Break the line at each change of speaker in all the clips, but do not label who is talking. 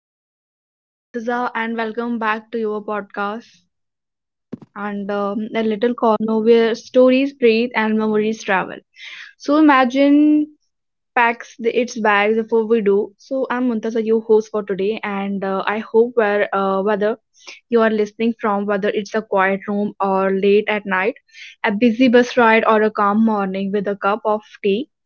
So, hi everyone, I'm your Montaza and welcome back to your podcast and a little corner where stories breathe and memories travel. So, imagine packs its bags before we do. So I'm Muntaza, your host for today, and I hope where whether you are listening from, whether it's a quiet room or late at night, a busy bus ride or a calm morning with a cup of tea.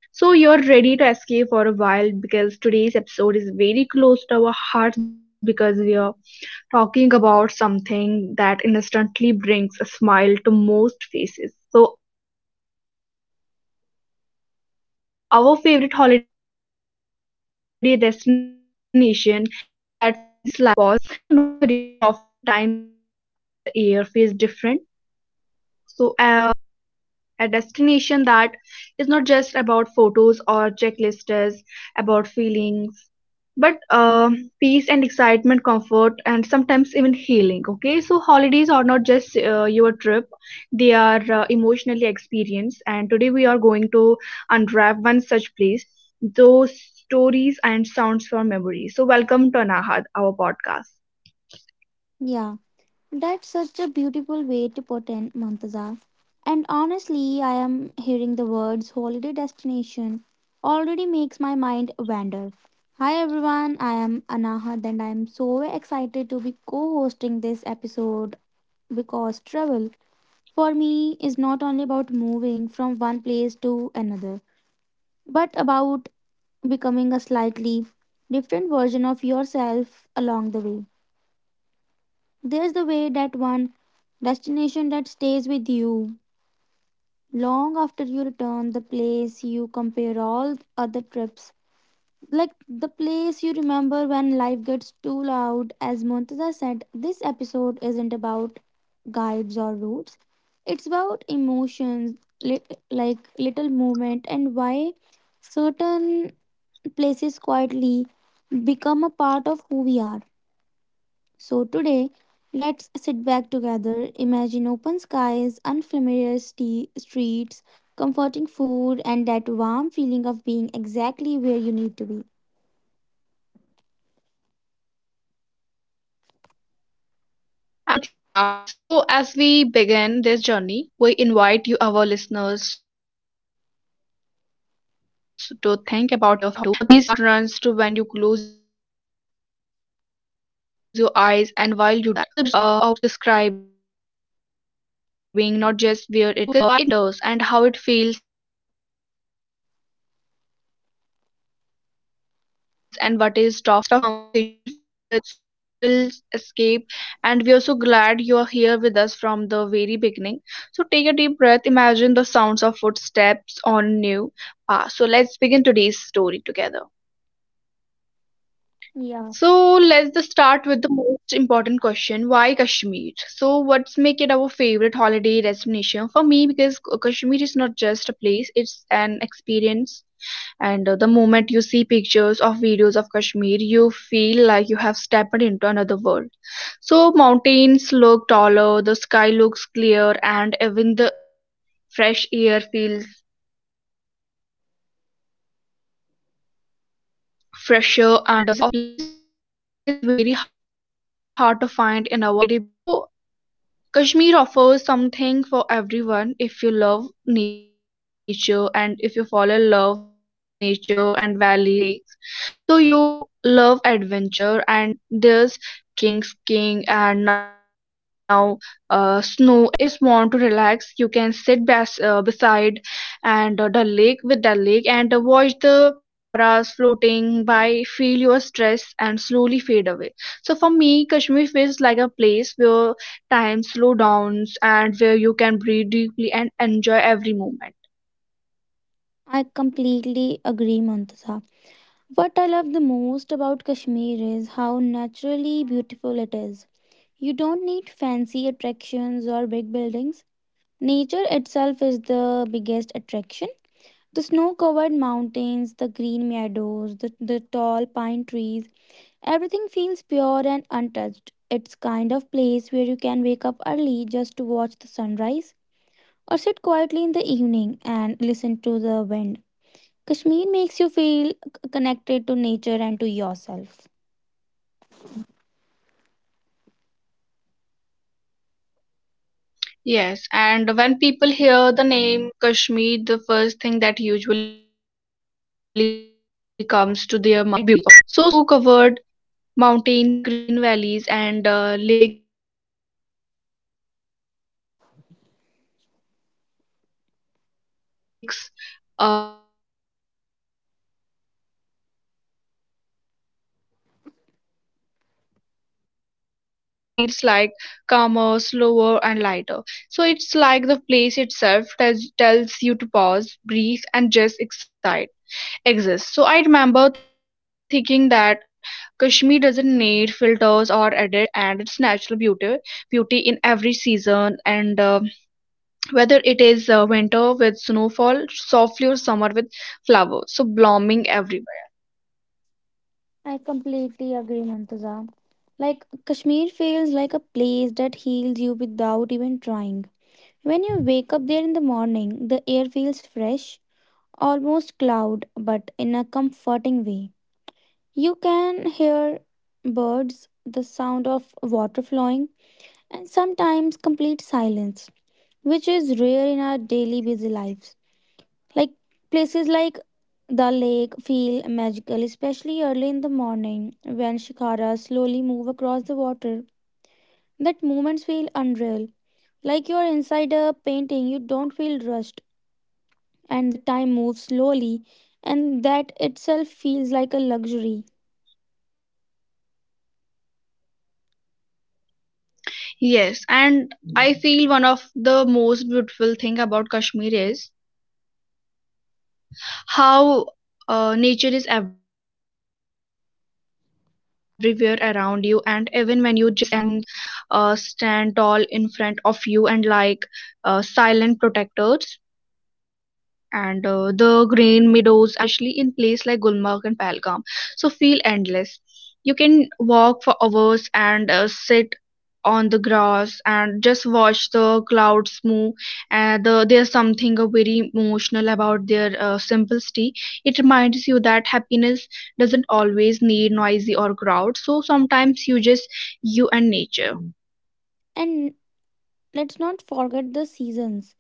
So you're ready to escape for a while because today's episode is very close to our hearts because we are talking about something that instantly brings a smile to most faces. So our favorite holiday destination and that one place that feels like a pause button of life. So no worries, often times slow down and even the air feels different. So a destination that is not just about photos or checklists, about feelings but peace and excitement comfort and sometimes even healing. Okay, so holidays are not just your trip, they are emotionally experienced, and today we are going to unwrap one such place, those stories and sounds from memory. So welcome to Anahad, our podcast.
Yeah, that's such a beautiful way to put in, Mantaza. And honestly, I am hearing the words holiday destination already makes my mind wander. Hi everyone, I am Anaha and I am so excited to be co-hosting this episode because travel for me is not only about moving from one place to another, but about becoming a slightly different version of yourself along the way. There's the way that one destination that stays with you long after you return, the place you compare all other trips. Like the place you remember when life gets too loud. As Montada said, this episode isn't about guides or routes. It's about emotions, li- like little movement, and why certain places quietly become a part of who we are. So, today, let's sit back together, imagine open skies, unfamiliar streets, comforting food, and that warm feeling of being exactly where you need to be.
Absolutely, Anahat. So, as we begin this journey, we invite you, our listeners, to think about your favorite holiday destination too and the place your heart runs to when you close your eyes, and while you do that so we'll be shares a work describing not just where it is, so because why it matters and how it feels and what is tough us. This is the start of a conversation filled with nostalgia, so excitement and gentle escape. And we are so glad you are here with us from the very beginning. So take a deep breath, imagine the sounds of footsteps on new path. So let's begin today's story together.
Yeah,
So let's just start with the most important question. Why Kashmir? So what's make it our favorite holiday destination? For me, because Kashmir is not just a place, it's an experience. And the moment you see pictures of videos of Kashmir, you feel like you have stepped into another world. So mountains look taller, the sky looks clear, and even the fresh air feels fresher, and there's a sense of place there that is very hard to find in our everyday busy life. So Kashmir offers something for everyone. If you love nature, and if you fall in love with nature and valleys and lakes. So you love adventure and there's trekking, skiing, and now snow activities. And if you just want to relax, you can sit beside and the lake with the lake and watch the shikaras floating by, feel your stress and slowly fade away. So for me, Kashmir feels like a place where time, slowdowns, and where you can breathe deeply and enjoy every moment.
I completely agree, Montasa. What I love the most about Kashmir is how naturally beautiful it is. You don't need fancy attractions or big buildings. Nature itself is the biggest attraction. The snow covered mountains, the green meadows, the tall pine trees. Everything feels pure and untouched. It's kind of place where you can wake up early just to watch the sunrise or sit quietly in the evening and listen to the wind. Kashmir makes you feel connected to nature and to yourself.
Yes, and when people hear the name Kashmir, the first thing that usually comes to their mind, like beauty, okay? So, snow covered mountains, green valleys, and lakes that look like mirrors. But honestly, Kashmir is not just about how it looks, and it is also about how it makes you feel. So the moment you imagine being there, your mind feels like calmer, slower, and lighter. So it's like the place itself tells you to pause, breathe, and just excite exist. So I remember thinking that Kashmir doesn't need filters or edit, and its natural beauty in every season, and whether it is winter with snowfall, softly or summer with flowers, so blooming everywhere.
I completely agree, Mantuza. Like Kashmir feels like a place that heals you without even trying. When you wake up there in the morning, the air feels fresh, almost cloud, but in a comforting way. You can hear birds, the sound of water flowing, and sometimes complete silence, which is rare in our daily busy lives. Like places like the lake feel magical, especially early in the morning when shikaras slowly move across the water. That moments feel unreal, like you're inside a painting, you don't feel rushed, and the time moves slowly, and that itself feels like a luxury.
Yes, and I feel one of the most beautiful thing about Kashmir is how nature is everywhere around you, and even when you just think quietly, and mountains stand tall in front of you and like silent protectors, and the green meadows and especially in place like Gulmarg and Pahalgam so feel endless. You can walk for hours and sit on the grass and just watch the clouds move, and there's something very emotional about their simplicity. It reminds you that happiness doesn't always need noisy or crowd, so sometimes you just you and nature.
And let's not forget the seasons.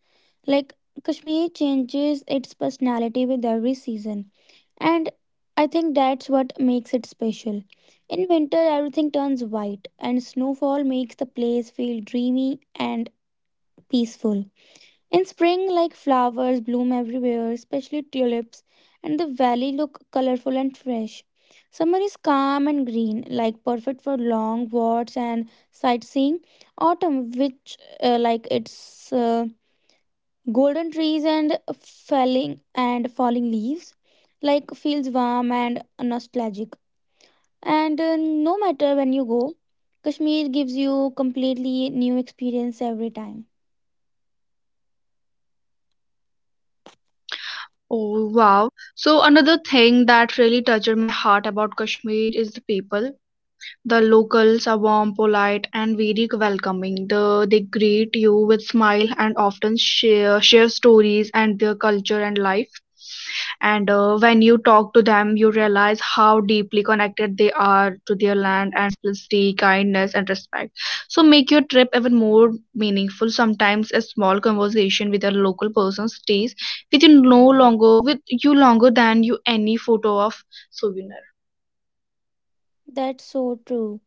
Like Kashmir changes its personality with every season, and I think that's what makes it special. In winter, everything turns white, and snowfall makes the place feel dreamy and peaceful. In spring, like flowers bloom everywhere, especially tulips, and the valley look colorful and fresh. Summer is calm and green, like perfect for long walks and sightseeing. Autumn, which like its golden trees and falling leaves, like feels warm and nostalgic. And no matter when you go, Kashmir gives you completely new experience every time.
Oh wow. So another thing that really touched my heart about Kashmir is the people. The locals are warm, polite and very welcoming. They greet you with smile and often share stories and their culture and life, and when you talk to them you realize how deeply connected they are to their land, and simplicity kindness and respect so make your trip even more meaningful. Sometimes a small conversation with a local person stays with you no longer with you longer than you any photo of souvenir.
That's so true.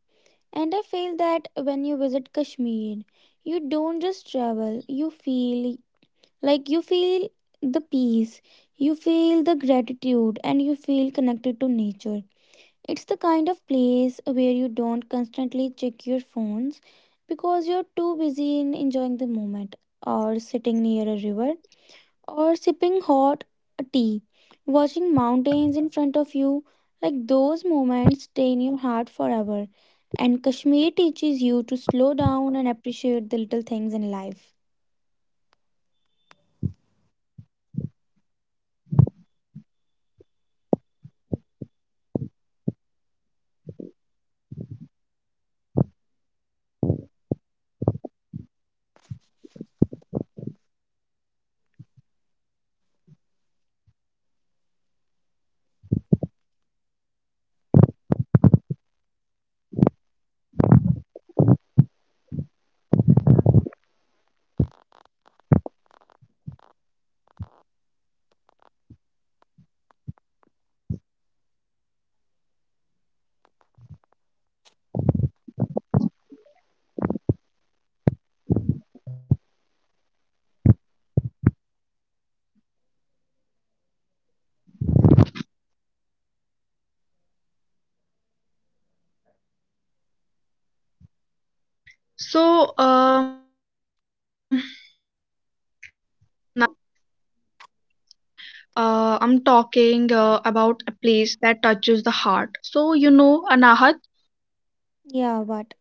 And I feel that when you visit Kashmir, you don't just travel, you feel like you feel the peace, you feel the gratitude, and you feel connected to nature. It's the kind of place where you don't constantly check your phones because you're too busy in enjoying the moment or sitting near a river or sipping hot tea, watching mountains in front of you, like those moments stay in your heart forever. And Kashmir teaches you to slow down and appreciate the little things in life.
So now I'm talking about a place that touches the heart. So, you know, Anahat,
Yeah, what?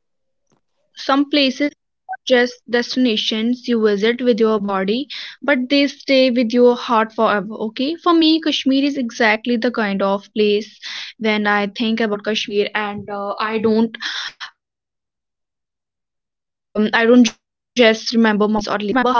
some places are just destinations you visit with your body, but they stay with your heart forever. Okay, for me, Kashmir is exactly the kind of place when I think about Kashmir, and I don't just remember mountains or lakes. So I remember how I feel there.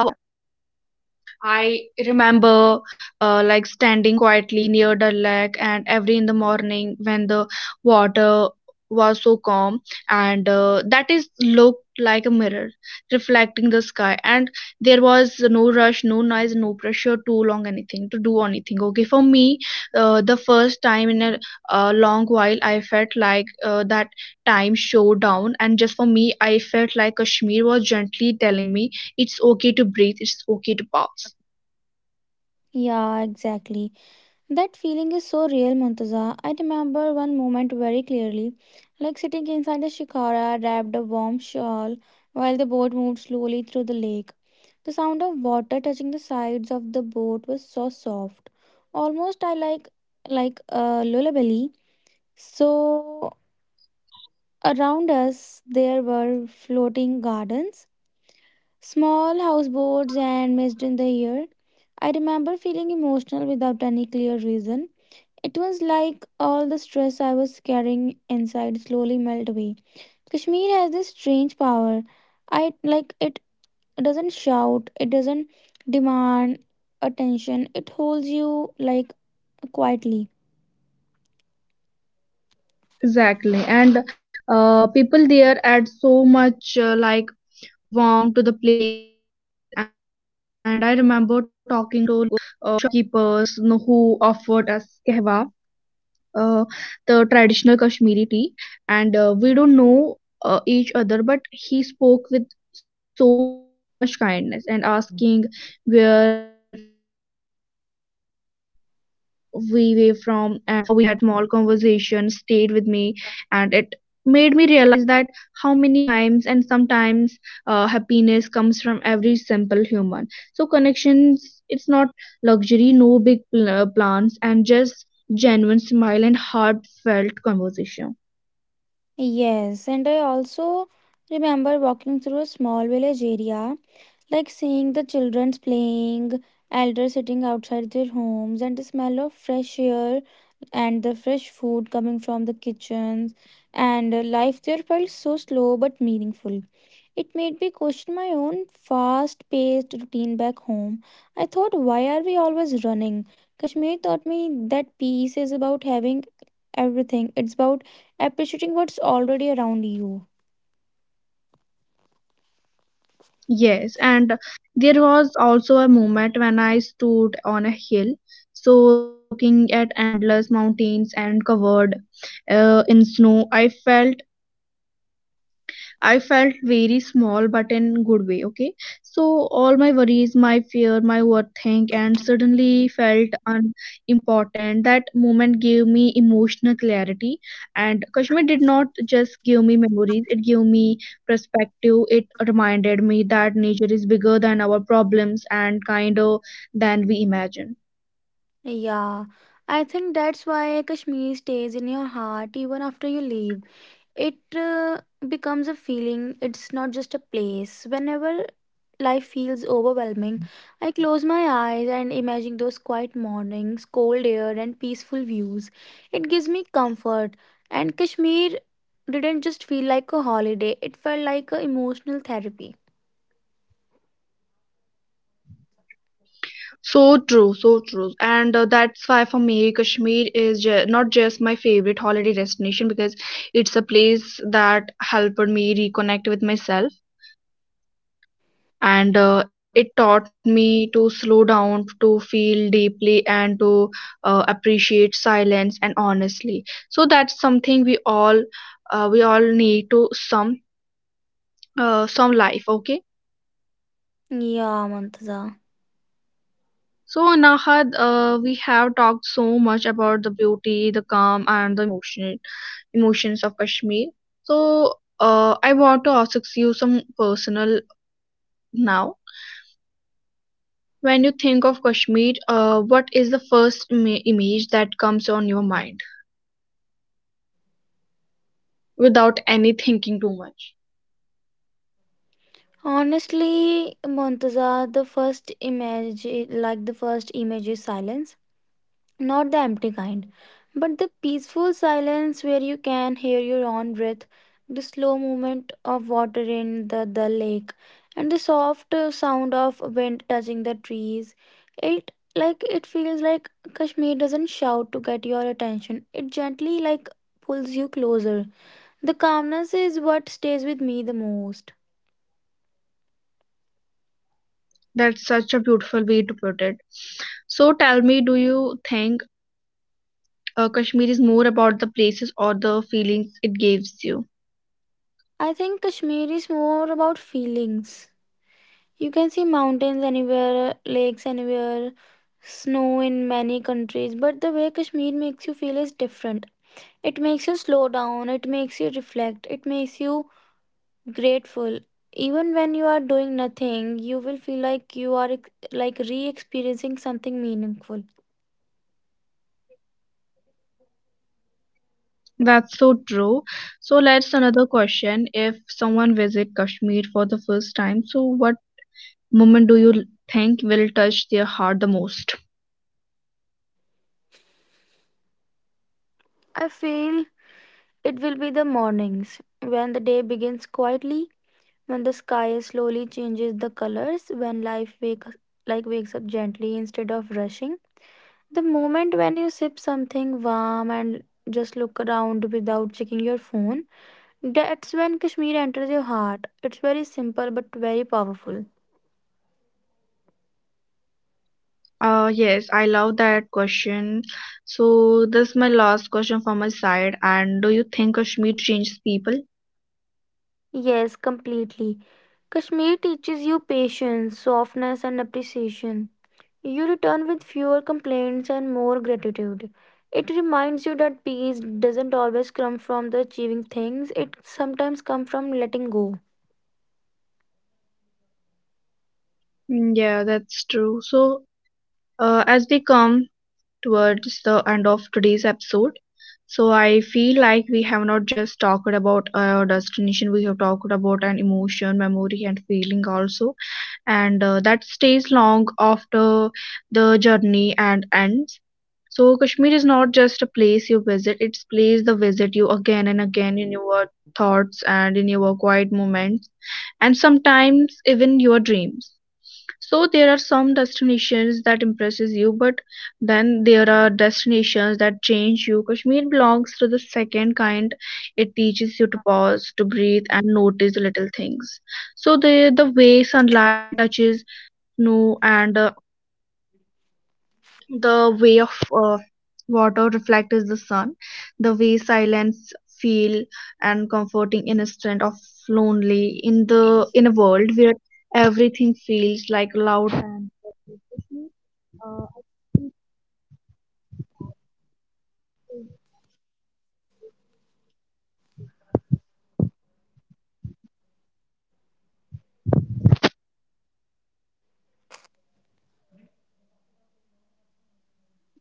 I remember like standing quietly near the lake and every in the morning when the water was so calm, and that is looked like a mirror reflecting the sky, and there was no rush no noise no pressure too long anything to do anything. Okay, for me the first time in a long while I felt like that time showed down and just for me I felt like Kashmir was gently telling me it's okay to breathe, it's okay to pause.
Yeah, exactly. That feeling is so real, Muntaza. I remember one moment very clearly, like sitting inside a shikara wrapped a warm shawl while the boat moved slowly through the lake. The sound of water touching the sides of the boat was so soft. Almost I like a lullaby. So around us there were floating gardens, small houseboats and mist in the air. I remember feeling emotional without any clear reason. It was like all the stress I was carrying inside slowly melted away. Kashmir has this strange power. I like It doesn't shout, it doesn't demand attention, it holds you, like, quietly.
Exactly, and people there add so much like warmth to the place, and I remember talking to local shopkeepers, you know, who offered us kehwa, uh, the traditional Kashmiri tea, and we don't know each other, but he spoke with so much kindness and asking where we were from, and how we keep enjoying Kashmir. That small conversation stayed with me, and it made me realize that how many times and sometimes happiness comes from every simple human so connections. It's not luxury no plans and just genuine smile and heartfelt conversation.
Yes, and I also remember walking through a small village area, like seeing the children playing, elders sitting outside their homes and the smell of fresh air and the fresh food coming from the kitchens, and life there felt so slow but meaningful. It made me question my own fast paced routine back home. I thought, why are we always running? Kashmir taught me that peace is about having everything, it's about appreciating what's already around you.
Yes, and there was also a moment when I stood on a hill, so looking at endless mountains and covered in snow. I felt very small but in good way. Okay. So all my worries, my fear, my overthink and suddenly felt unimportant. That moment gave me emotional clarity, and Kashmir did not just give me memories, it gave me perspective. It reminded me that nature is bigger than our problems and kinder than we imagine.
Yeah, I think that's why Kashmir stays in your heart even after you leave. It becomes a feeling, it's not just a place. Whenever life feels overwhelming, I close my eyes and imagine those quiet mornings, cold air, and peaceful views. It gives me comfort. And Kashmir didn't just feel like a holiday, it felt like a emotional therapy.
So true, so true. And that's why for me, Kashmir is not just my favorite holiday destination because it's a place that helped me reconnect with myself. And it taught me to slow down, to feel deeply, and to appreciate silence and honestly. So that's something we all need to some life. Okay.
Yeah, Montaza.
So, Nahad, we have talked so much about the beauty, the calm, and emotions of Kashmir. So, I want to ask you some personal now. When you think of Kashmir, what is the first image that comes on your mind without any thinking too much?
Honestly, Montaza, the first image, like the first image is silence, not the empty kind, but the peaceful silence where you can hear your own breath, the slow movement of water in the lake, and the soft sound of wind touching the trees. It like it feels like Kashmir doesn't shout to get your attention. It gently like pulls you closer. The calmness is what stays with me the most.
That's such a beautiful way to put it. So, tell me, do you think Kashmir is more about the places or the feelings it gives you?
I think Kashmir is more about feelings. You can see mountains anywhere, lakes anywhere, snow in many countries, but the way Kashmir makes you feel is different. It makes you slow down, it makes you reflect, it makes you grateful. Even when you are doing nothing, you will feel like you are like re-experiencing something meaningful.
That's so true. So let's another question. If someone visit Kashmir for the first time, so what moment do you think will touch their heart the most?
I feel it will be the mornings when the day begins quietly, when the sky slowly changes the colors, when life wakes up gently instead of rushing. The moment when you sip something warm and just look around without checking your phone, that's when Kashmir enters your heart. It's very simple but very powerful.
Yes, I love that question. So this is my last question from my side. And do you think Kashmir changes people?
Yes, completely. Kashmir teaches you patience, softness, and appreciation. You return with fewer complaints and more gratitude. It reminds you that peace doesn't always come from the achieving things, it sometimes comes from letting go.
Mm, yeah, that's true. So as we come towards the end of today's episode. So I feel like we have not just talked about our destination, we have talked about an emotion, memory, and feeling also, and that stays long after the journey and ends. So Kashmir is not just a place you visit; it's place the visit you again and again in your thoughts and in your quiet moments, and sometimes even your dreams. So there are some destinations that impresses you, but then there are destinations that change you. Kashmir belongs to the second kind. It teaches you to pause, to breathe, and notice the little things. So the way sunlight touches snow, and the way of water reflects the sun, the way silence feel and comforting in a strand of lonely in the in a world where everything feels like loud and uh,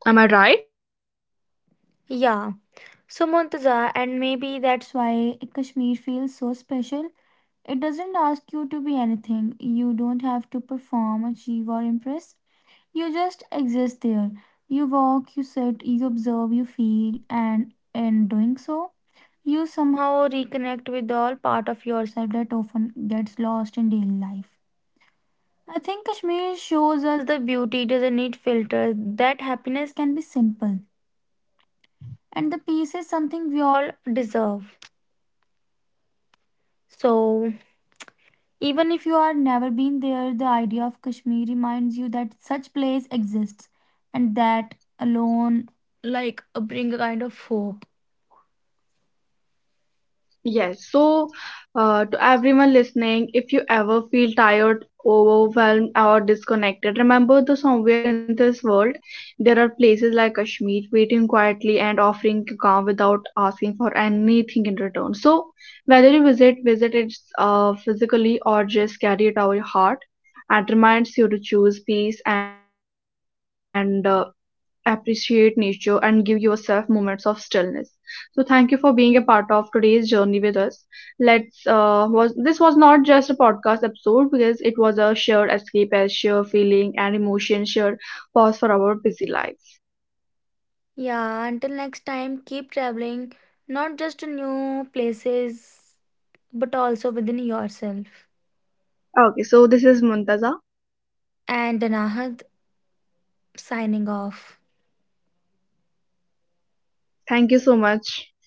am I right?
Yeah, so, Montaza, and maybe that's why Kashmir feels so special. It doesn't ask you to be anything. You don't have to perform, achieve, or impress. You just exist there. You walk, you sit, you observe, you feel, and in doing so, you somehow reconnect with all part of yourself that often gets lost in daily life. I think Kashmir shows us the beauty doesn't need filters, that happiness can be simple, and the peace is something we all deserve. So, even if you are never been there, the idea of Kashmir reminds you that such place exists, and that alone, like, bring a kind of hope.
Yes, so to everyone listening, if you ever feel tired, overwhelmed, or disconnected, remember that somewhere in this world there are places like Kashmir waiting quietly and offering to come without asking for anything in return. So, whether you visit it physically or just carry it out your heart, and reminds you to choose peace and appreciate nature and give yourself moments of stillness. So thank you for being a part of today's journey with us. Let's was this was not just a podcast episode because it was a shared escape as shared feeling and emotion shared pause for our busy lives.
Yeah, until next time keep traveling, not just to new places but also within yourself.
Okay, so this is Muntaza,
And Danahad signing off.
thank you so much.